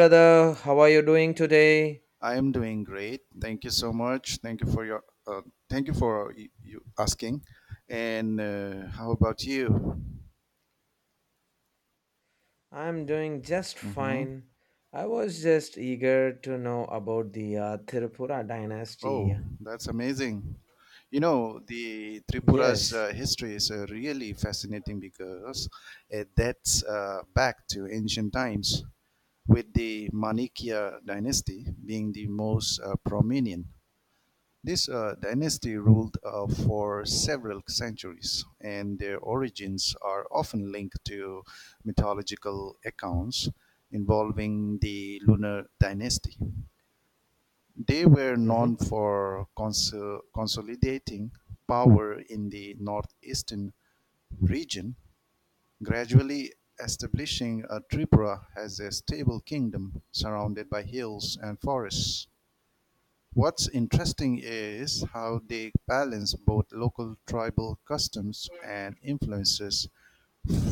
Brother. How are you doing today? I am doing great. Thank you so much. Thank you for your thank you for y- you asking. And How about you? I'm doing just hmm fine. I was just eager to know about the Tripura Oh, dynasty. that's amazing. You know, the Tripura's Yes. History is really fascinating because it dates back to ancient times, with the Manikya dynasty being the most prominent. This dynasty ruled for several centuries, and their origins are often linked to mythological accounts involving the Lunar dynasty. They were known Mhm. for consolidating power in the northeastern region, gradually establishing Tripura as a stable kingdom surrounded by hills and forests. What's interesting is how they balance both local tribal customs and influences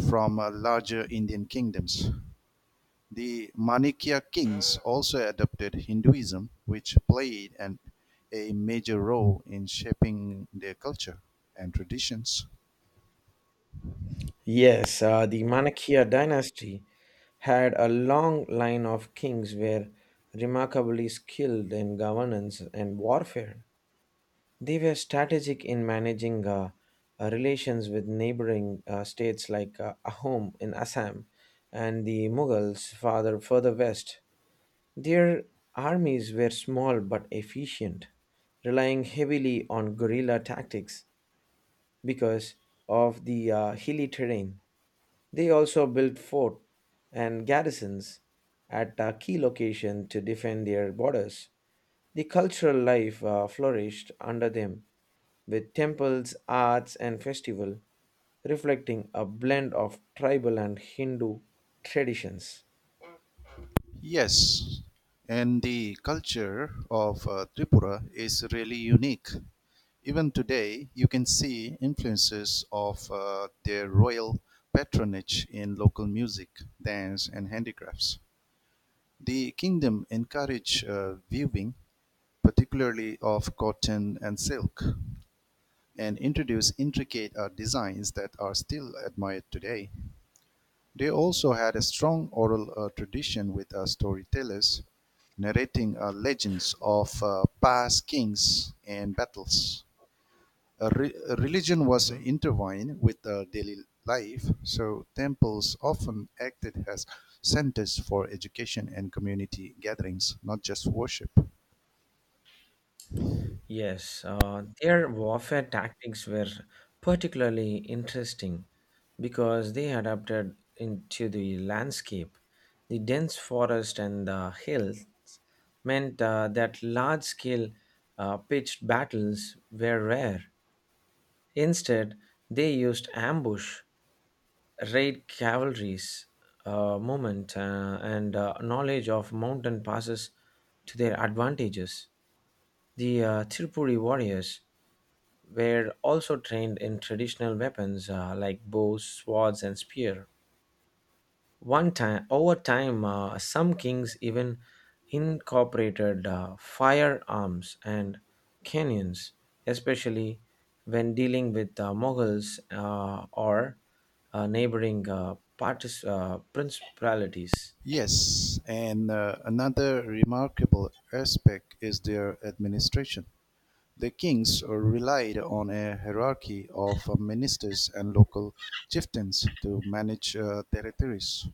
from larger Indian kingdoms. The Manikya kings also adopted Hinduism, which a major role in shaping their culture and traditions. Yes, the Manakya dynasty had a long line of kings were remarkably skilled in governance and warfare. They were strategic in managing relations with neighboring states like Ahom in Assam and the Mughals farther further west. Their armies were small but efficient, relying heavily on guerrilla tactics because of the hilly terrain. They also built forts and garrisons at key locations to defend their borders. The cultural life flourished under them with temples, arts, and festival, reflecting a blend of tribal and Hindu traditions. Yes, and the culture of Tripura is really unique. Even today, you can see influences of their royal patronage in local music, dance, and handicrafts. The kingdom encouraged weaving, particularly of cotton and silk, and introduced intricate designs that are still admired today. They also had a strong oral tradition with storytellers narrating legends of past kings and battles. Religion was Mhm. intertwined with daily life, so temples often acted as centers for education and community gatherings, not just worship. Yes, their warfare tactics were particularly interesting because they adapted into the landscape. The dense forest and the hills meant that large scale pitched battles were rare. Instead, they used ambush, raid cavalries, movement, and knowledge of mountain passes to their advantages. The Tirupuri warriors were also trained in traditional weapons like bows, swords, and spear. Over time, some kings even incorporated firearms and cannons, especially when dealing with Mughals or neighboring principalities. Yes, and another remarkable aspect is their administration. The kings relied on a hierarchy of ministers and local chieftains to manage territories.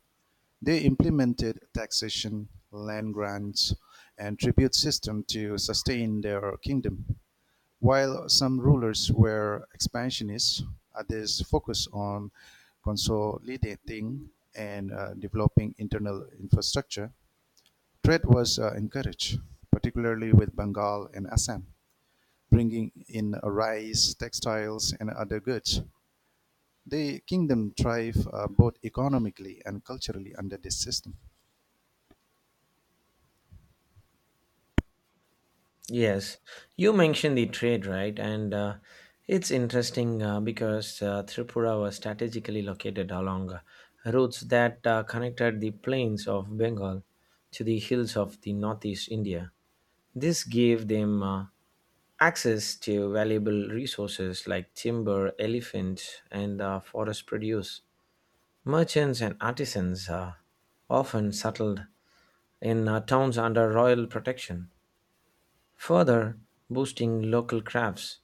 They implemented taxation, land grants, and tribute system to sustain their kingdom. While some rulers were expansionists, others focused on consolidating and developing internal infrastructure. Trade was encouraged, particularly with Bengal and Assam, bringing in rice, textiles, and other goods. The kingdom thrived both economically and culturally under this system. Yes, you mentioned the trade, right? And It's interesting because Tripura was strategically located along routes that connected the plains of Bengal to the hills of the northeast India. This gave them access to valuable resources like timber, elephants, and forest produce. Merchants and artisans often settled in towns under royal protection. Further boosting local crafts,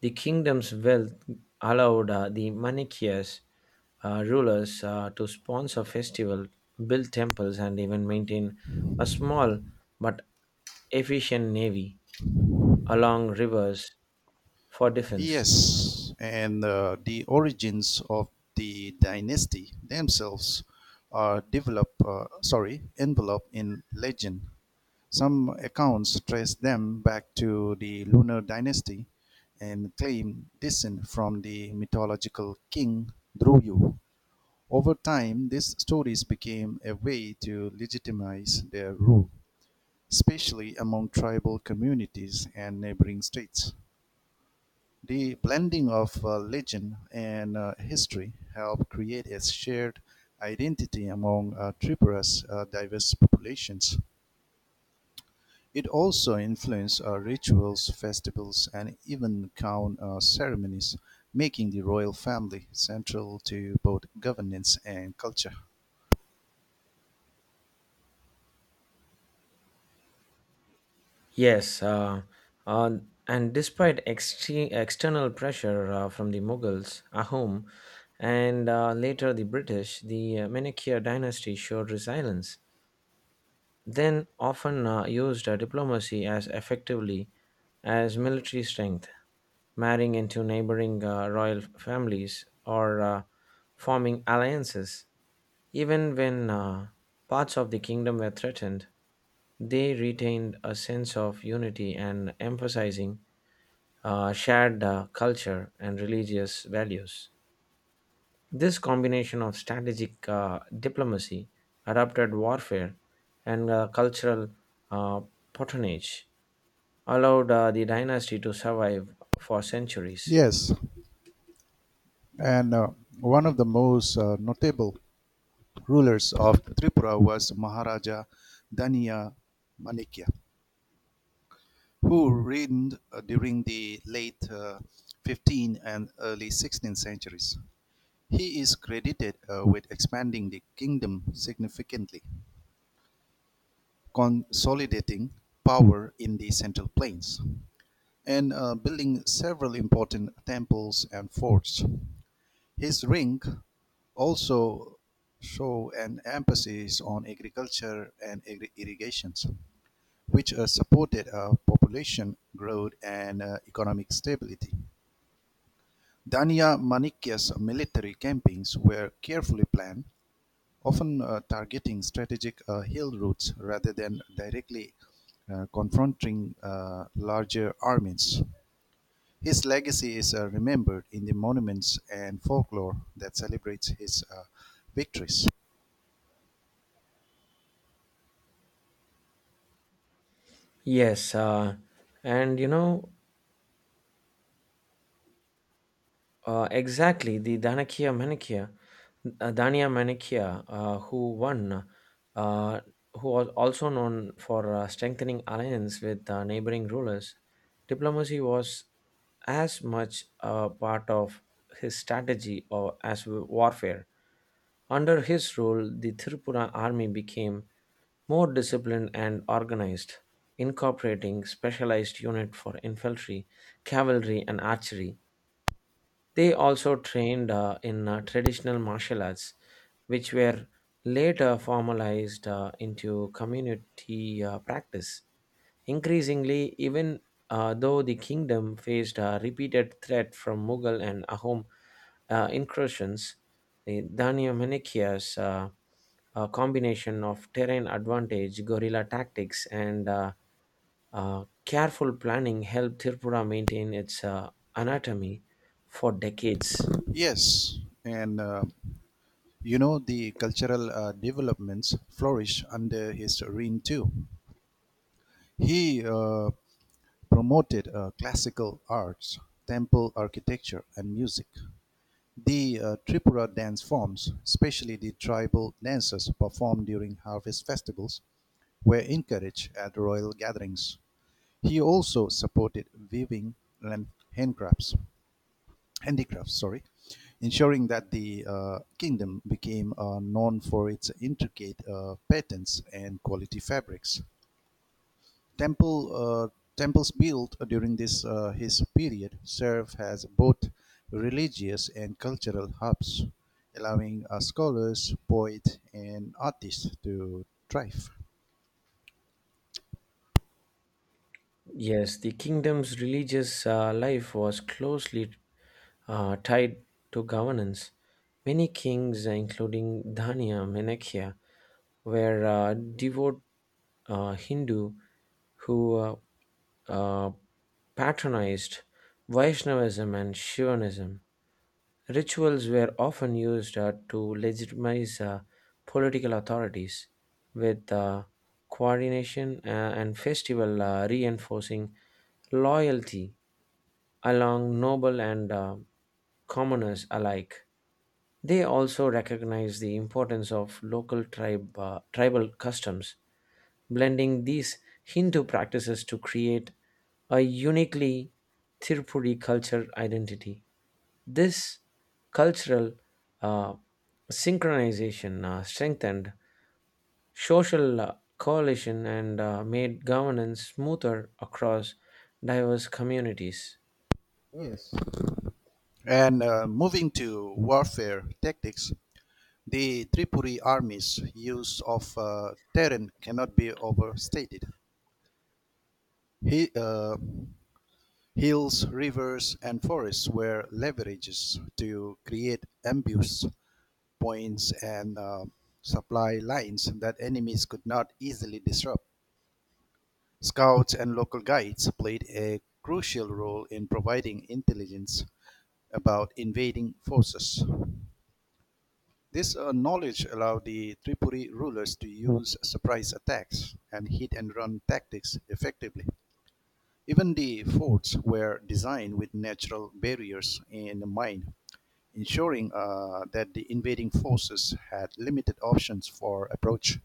the kingdom's wealth allowed the Manichaeans rulers to sponsor festivals, build temples, and even maintain a small but efficient navy along rivers for defense. Yes, and the origins of the dynasty themselves are enveloped in legend. Some accounts trace them back to the Lunar dynasty and claim descent from the mythological king Druyu. Over time, these stories became a way to legitimize their rule, especially among tribal communities and neighboring states. The blending of legend and history helped create a shared identity among Tripura's diverse populations. It also influenced rituals, festivals, and even crown ceremonies, making the royal family central to both governance and culture. Yes, uh, and despite external pressure from the Mughals, Ahom, and later the British, the Manichae dynasty showed resilience then often used diplomacy as effectively as military strength, marrying into neighboring royal families or forming alliances. Even when parts of the kingdom were threatened, they retained a sense of unity and emphasizing shared culture and religious values. This combination of strategic diplomacy, adapted warfare, and cultural uh, patronage allowed the dynasty to survive for centuries. Yes, and one of the most notable rulers of Tripura was Maharaja Daniya Manikya, who reigned during the late 15th and early 16th centuries. He is credited with expanding the kingdom significantly, consolidating power in the Central Plains, and building several important temples and forts. His reign also show an emphasis on agriculture and irrigations, which supported population growth and economic stability. Danya Manikya's military campaigns were carefully planned, often targeting strategic hill routes rather than directly confronting larger armies. His legacy is remembered in the monuments and folklore that celebrates his victories. Yes, and you know exactly the Danakia Manikya, Dania Manikya, who won, uh, who was also known for strengthening alliance with neighboring rulers. Diplomacy was as much a part of his strategy or as warfare. Under his rule, the Tripura army became more disciplined and organized, incorporating specialized units for infantry, cavalry, and archery. They also trained in traditional martial arts, which were later formalized into community practice. Increasingly, even though the kingdom faced a repeated threat from Mughal and Ahom incursions, the Danyamanikia's a combination of terrain advantage, guerrilla tactics, and careful planning helped Tripura maintain its anatomy for decades. Yes, and you know the cultural developments flourish under his reign too. He promoted classical arts, temple architecture and music; the Tripura dance forms, especially the tribal dances performed during harvest festivals, were encouraged at royal gatherings. He also supported weaving and handcrafts, handicrafts, ensuring that the kingdom became known for its intricate patterns and quality fabrics. temple uh, Temples built during this his period serve as both religious and cultural hubs, allowing scholars, poets, and artists to thrive. Yes, the kingdom's religious life was closely tied to governance. Many kings, including Dhania, Menakhya, were devout Hindu who uh, patronized Vaishnavism and Shivanism. Rituals were often used to legitimize political authorities, with coordination and festival reinforcing loyalty along noble and commoners alike. They also recognized the importance of tribal customs blending these Hindu practices to create a uniquely Tirupuri culture identity. This cultural uh, synchronization strengthened social coalition and made governance smoother across diverse communities. Yes. And Moving to warfare tactics, the Tripuri army's use of terrain cannot be overstated. He, uh, Hills, rivers, and forests were leverages to create ambush points and supply lines that enemies could not easily disrupt. Scouts and local guides played a crucial role in providing intelligence about invading forces. This knowledge allowed the Tripuri rulers to use surprise attacks and hit and run tactics effectively. Even the forts were designed with natural barriers in mind, ensuring that the invading forces had limited options for approach.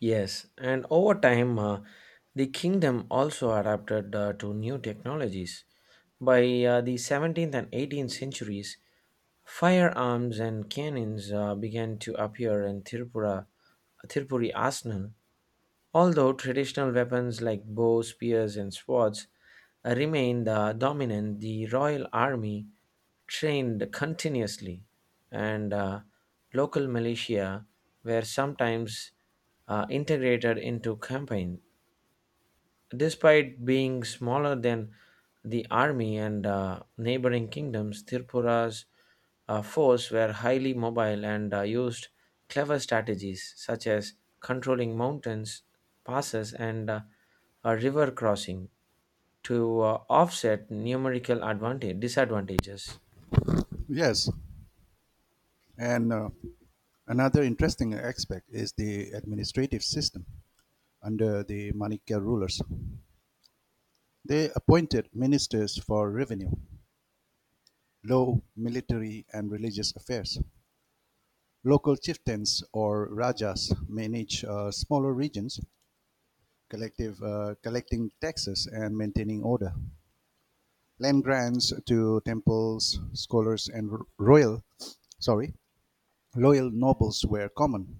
Yes, and over time, the kingdom also adapted to new technologies. By the 17th and 18th centuries, firearms and cannons began to appear in Tirupura, Tirupuri arsenal, although traditional weapons like bows, spears, and swords remain the dominant, the Royal Army trained continuously, and local militia were sometimes integrated into campaigns. Despite being smaller than the army and neighboring kingdoms, Tripura's force were highly mobile and used clever strategies such as controlling mountains, passes, and a river crossing to offset numerical advantage disadvantages. Yes, and another interesting aspect is the administrative system under the Manikya rulers. They appointed ministers for revenue, law, military, and religious affairs. Local chieftains or rajas managed smaller regions collecting taxes and maintaining order. Land grants to temples, scholars, and royal, sorry, loyal nobles were common,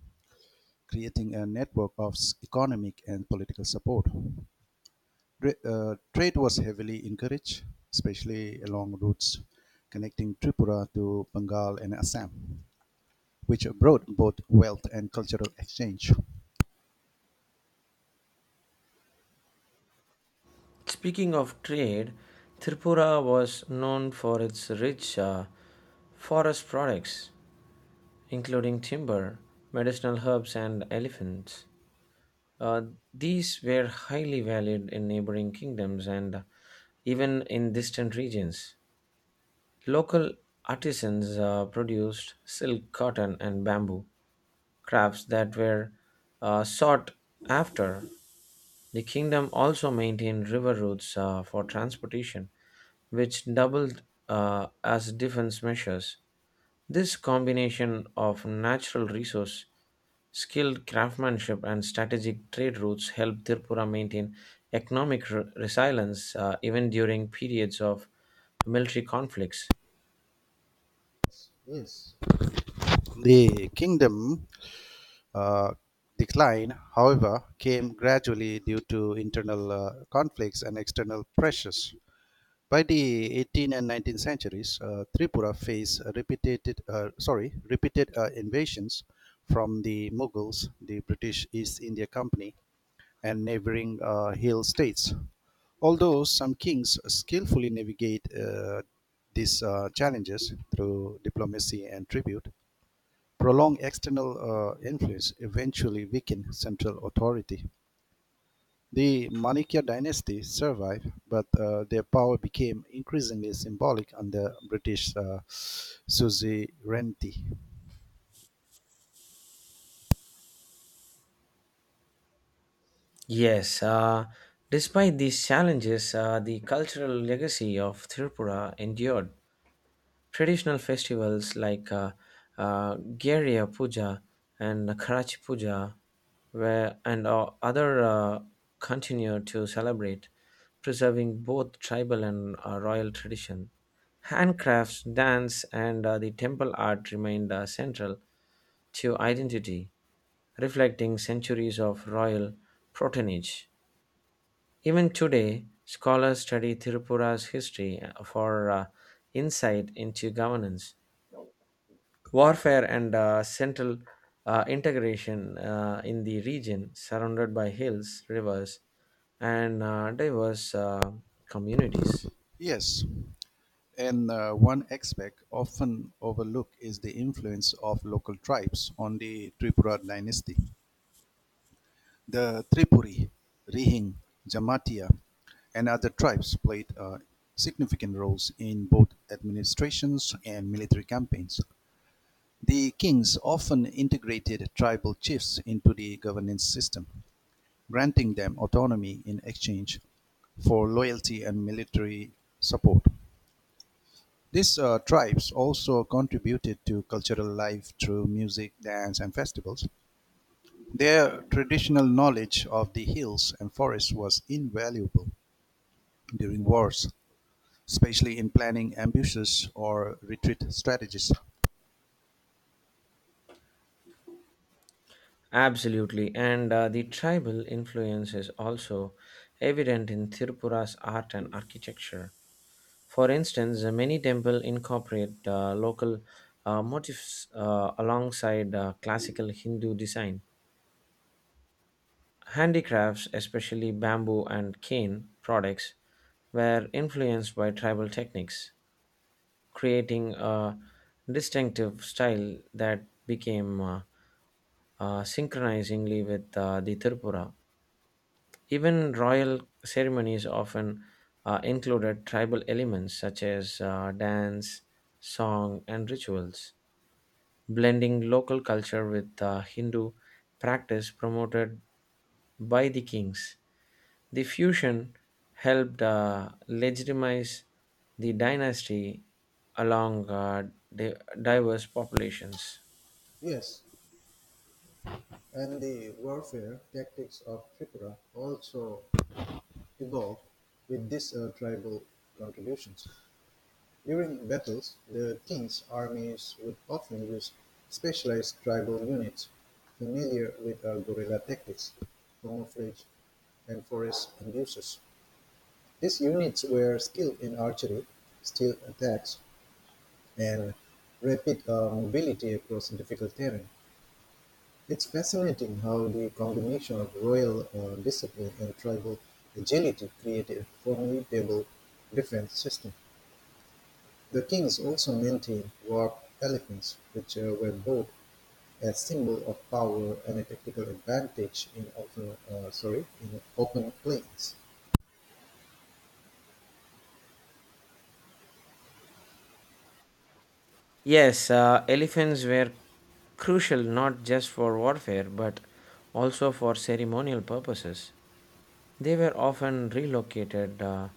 creating a network of economic and political support. Trade was heavily encouraged, especially along routes connecting Tripura to Bengal and Assam, which brought both wealth and cultural exchange. Speaking of trade, Tripura was known for its rich forest products, including timber, medicinal herbs, and elephants. Uh, these were highly valued in neighboring kingdoms and even in distant regions. Local artisans produced silk, cotton, and bamboo crafts that were sought after. The kingdom also maintained river routes for transportation, which doubled as defense measures. This combination of natural resource skilled craftsmanship and strategic trade routes helped Tripura maintain economic resilience even during periods of military conflicts. Yes. The kingdom uh, decline, however, came gradually due to internal conflicts and external pressures. By the 18th and 19th centuries, Tripura faced repeated invasions from the Mughals, the British East India Company, and neighboring hill states. Although some kings skillfully navigate these challenges through diplomacy and tribute, prolonged external influence eventually weakened central authority. The Manikya dynasty survived, but their power became increasingly symbolic under British suzerainty. Yes, despite these challenges, the cultural legacy of Tripura endured. Traditional festivals like Garya Puja and Karachi Puja where, and other continue to celebrate, preserving both tribal and royal tradition. Handcrafts, dance, and the temple art remained central to identity, reflecting centuries of royal patronage. Even today, scholars study Tripura's history for insight into governance warfare and central integration in the region surrounded by hills, rivers, and diverse communities. Yes, and one aspect often overlooked is the influence of local tribes on the Tripura dynasty. The Tripuri, Rihing, Jamatia and other tribes played significant roles in both administrations and military campaigns. The kings often integrated tribal chiefs into the governance system, granting them autonomy in exchange for loyalty and military support. These tribes also contributed to cultural life through music, dance, and festivals. Their traditional knowledge of the hills and forests was invaluable during wars, especially in planning ambushes or retreat strategies. Absolutely, and the tribal influence is also evident in Tirupura's art and architecture. For instance, many temples incorporate local motifs alongside classical Hindu design. Handicrafts, especially bamboo and cane products, were influenced by tribal techniques, creating a distinctive style that became synchronizingly with the Tripura. Even royal ceremonies often included tribal elements such as dance, song, and rituals. Blending local culture with Hindu practice promoted by the kings. The fusion helped legitimize the dynasty along di- diverse populations. Yes, and the warfare tactics of Tripura also evolved with these tribal contributions. During battles, the king's armies would often use specialized tribal units familiar with guerrilla tactics, camouflage, and forest abuses. These units were skilled in archery, steel attacks, and rapid mobility across difficult terrain. It's fascinating how the combination of royal discipline and tribal agility created a formidable defense system. The kings also maintained warp elephants, which were both a symbol of power and a tactical advantage in in open plains. Yes, elephants were crucial not just for warfare but also for ceremonial purposes. They were often relocated, uh,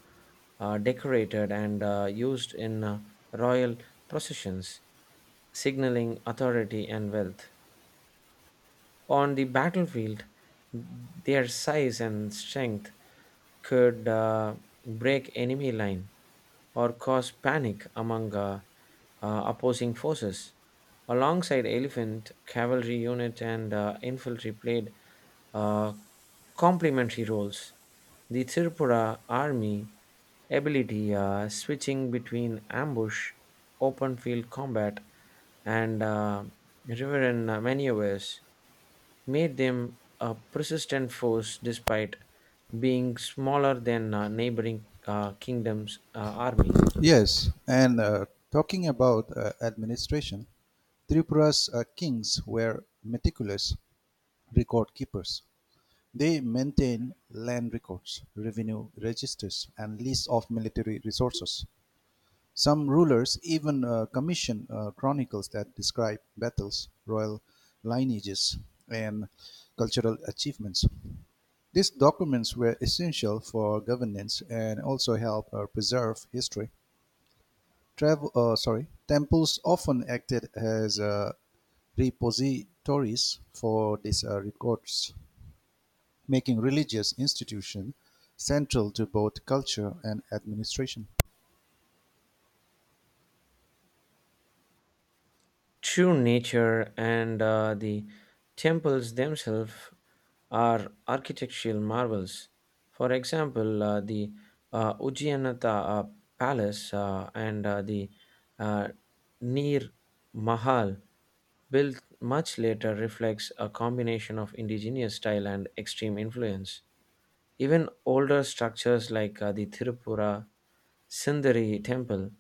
uh, decorated, and used in royal processions, signaling authority and wealth. On the battlefield, their size and strength could break enemy line or cause panic among opposing forces. Alongside elephant, cavalry unit, and infantry played uh, complementary roles. The Tripura army ability switching between ambush, open field combat, and riverine maneuvers made them a persistent force despite being smaller than neighboring kingdoms' army. Yes, and talking about administration, Tripura's kings were meticulous record keepers. They maintained land records, revenue registers, and lists of military resources. Some rulers even commissioned chronicles that describe battles, royal lineages, and cultural achievements. These documents were essential for governance and also helped preserve history. Temples often acted as repositories for these records, making religious institutions central to both culture and administration. True nature and the temples themselves are architectural marvels. For example, the Ujjainata Palace and the uh, Nir Mahal, built much later, reflects a combination of indigenous style and extreme influence. Even older structures like the Tirupura Sindari temple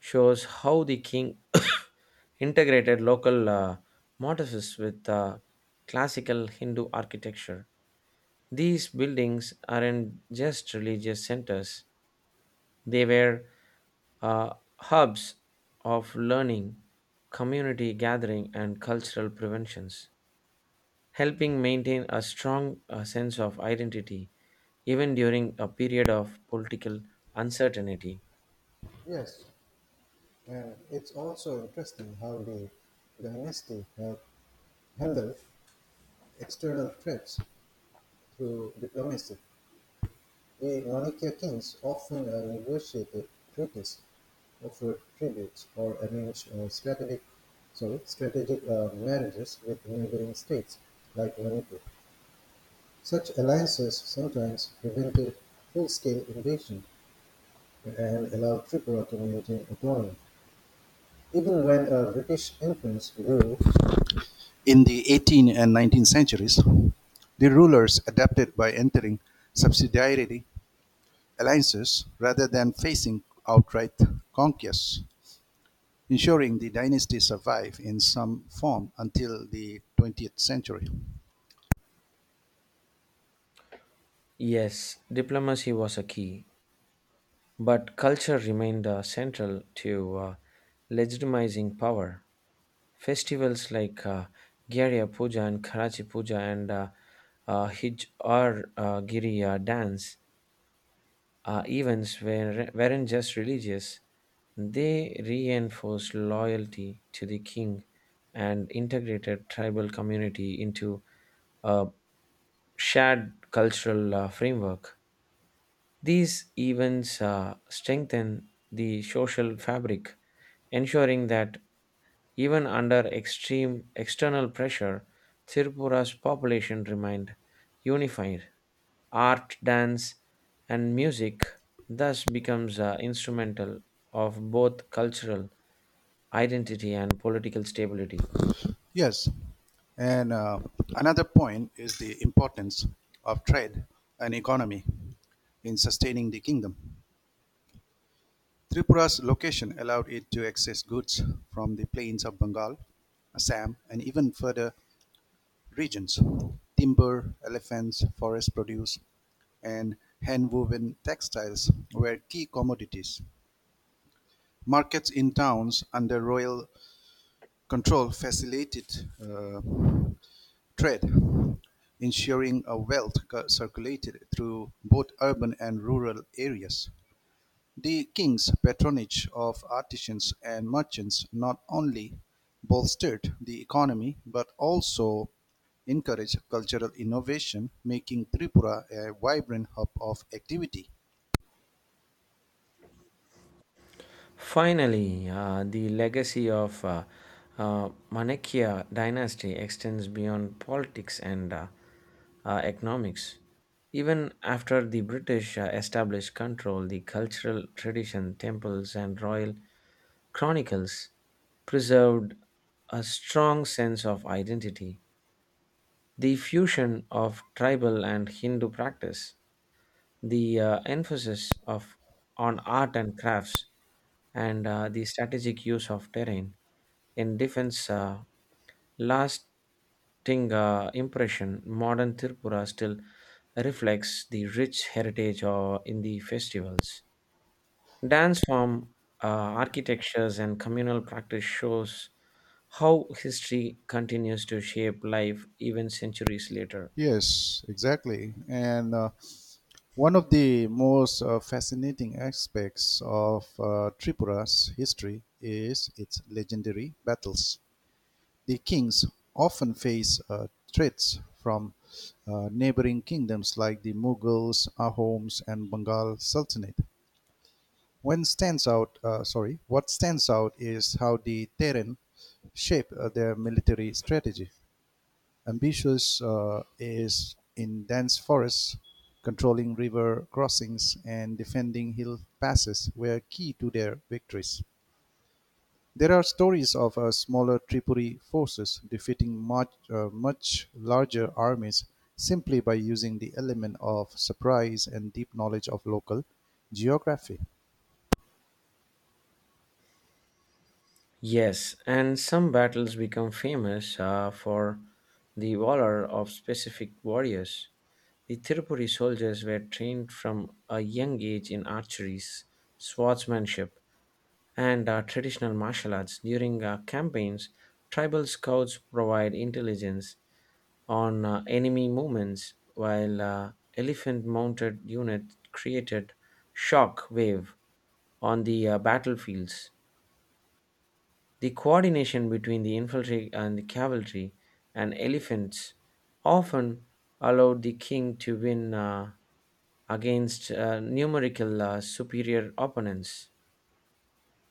shows how the king integrated local motifs with classical Hindu architecture. These buildings aren't just religious centers, they were uh, hubs of learning, community gathering, and cultural preventions helping maintain a strong sense of identity even during a period of political uncertainty. Yes, and it's also interesting how the dynasty had handled external threats through diplomacy. The Manikya kings often negotiated treaties, offered tributes, or arranged strategic marriages with neighboring states like Manipur. Such alliances sometimes prevented full-scale invasion and allowed Tripura to maintain autonomy, even when a British influence grew. In the 18th and 19th centuries, the rulers adapted by entering subsidiary alliances rather than facing outright conquests, ensuring the dynasty survived in some form until the 20th century. Yes, diplomacy was a key, but culture remained central to legitimizing power. Festivals like Gyarya Puja and Karachi Puja and Hij or Giriya dance. Events were, weren't just religious, they reinforced loyalty to the king and integrated tribal community into a shared cultural framework. These events strengthen the social fabric, ensuring that even under extreme external pressure, Tripura's population remained unified. Art, dance, and music thus becomes instrumental of both cultural identity and political stability. Yes, and another point is the importance of trade and economy in sustaining the kingdom. Tripura's location allowed it to access goods from the plains of Bengal, Assam, and even further regions. Timber, elephants, forest produce, and hand woven textiles were key commodities. Markets in towns under royal control facilitated trade, ensuring a wealth circulated through both urban and rural areas. The king's patronage of artisans and merchants not only bolstered the economy but also encouraged cultural innovation, making Tripura a vibrant hub of activity. Finally, the legacy of Manakya dynasty extends beyond politics and economics. Even after the British established control, the cultural tradition, temples, and royal chronicles preserved a strong sense of identity, the fusion of tribal and Hindu practice, the emphasis of on art and crafts, and the strategic use of terrain in defense, lasting impression. Modern Tripura still reflects the rich heritage in the festivals. Dance form, uh, architectures, and communal practice shows how history continues to shape life even centuries later. Yes, exactly. And One of the most fascinating aspects of Tripura's history is its legendary battles. The kings often face threats from neighboring kingdoms like the Mughals, Ahoms, and Bengal Sultanate. When stands out, sorry, What stands out is how the Terran shape their military strategy. Ambitious is in dense forests, controlling river crossings and defending hill passes were key to their victories. There are stories of smaller Tripuri forces defeating much larger armies simply by using the element of surprise and deep knowledge of local geography. Yes, and some battles become famous for the valor of specific warriors. The Tirupuri soldiers were trained from a young age in archery, swordsmanship, and traditional martial arts. During campaigns, tribal scouts provide intelligence on enemy movements, while elephant mounted unit created shock wave on the battlefields. The coordination between the infantry and the cavalry and elephants often allowed the king to win against numerical superior opponents.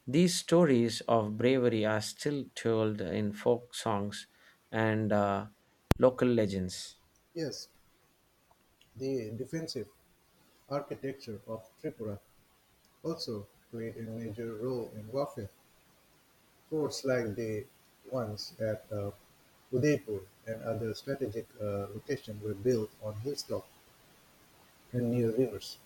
These stories of bravery are still told in folk songs and local legends. Yes, the defensive architecture of Tripura also played a major role in warfare. Ports like the ones at Udaipur and other strategic locations were built on hilltops and near rivers.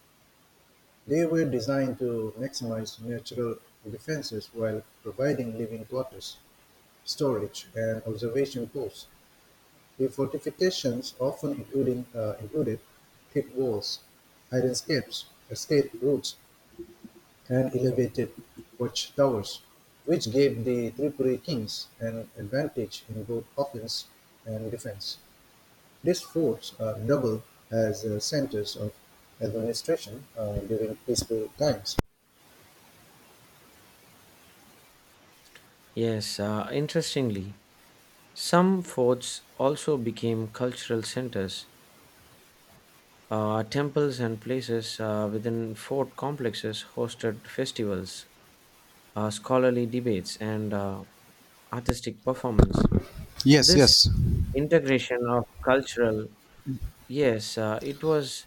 They were designed to maximize natural defenses while providing living quarters, storage, and observation posts. The fortifications often included thick walls, escape routes, and elevated watchtowers, which gave the Tripuri kings an advantage in both offense and defense. These forts are double as centers of administration during peaceful times. Yes, interestingly, some forts also became cultural centers. Temples and places within fort complexes hosted festivals, scholarly debates, and artistic performance. Yes, This yes, integration of cultural, yes, it was,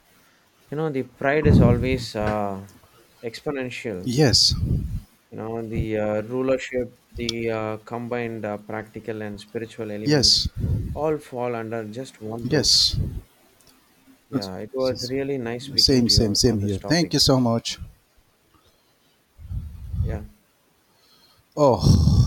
you know, the pride is always exponential. yes, You know, the rulership, the combined practical and spiritual elements yes, all fall under just one roof. yes. Yeah, it was really nice speaking Same, to you same, on same here. this Thank you topic. so much. Yeah. Oh.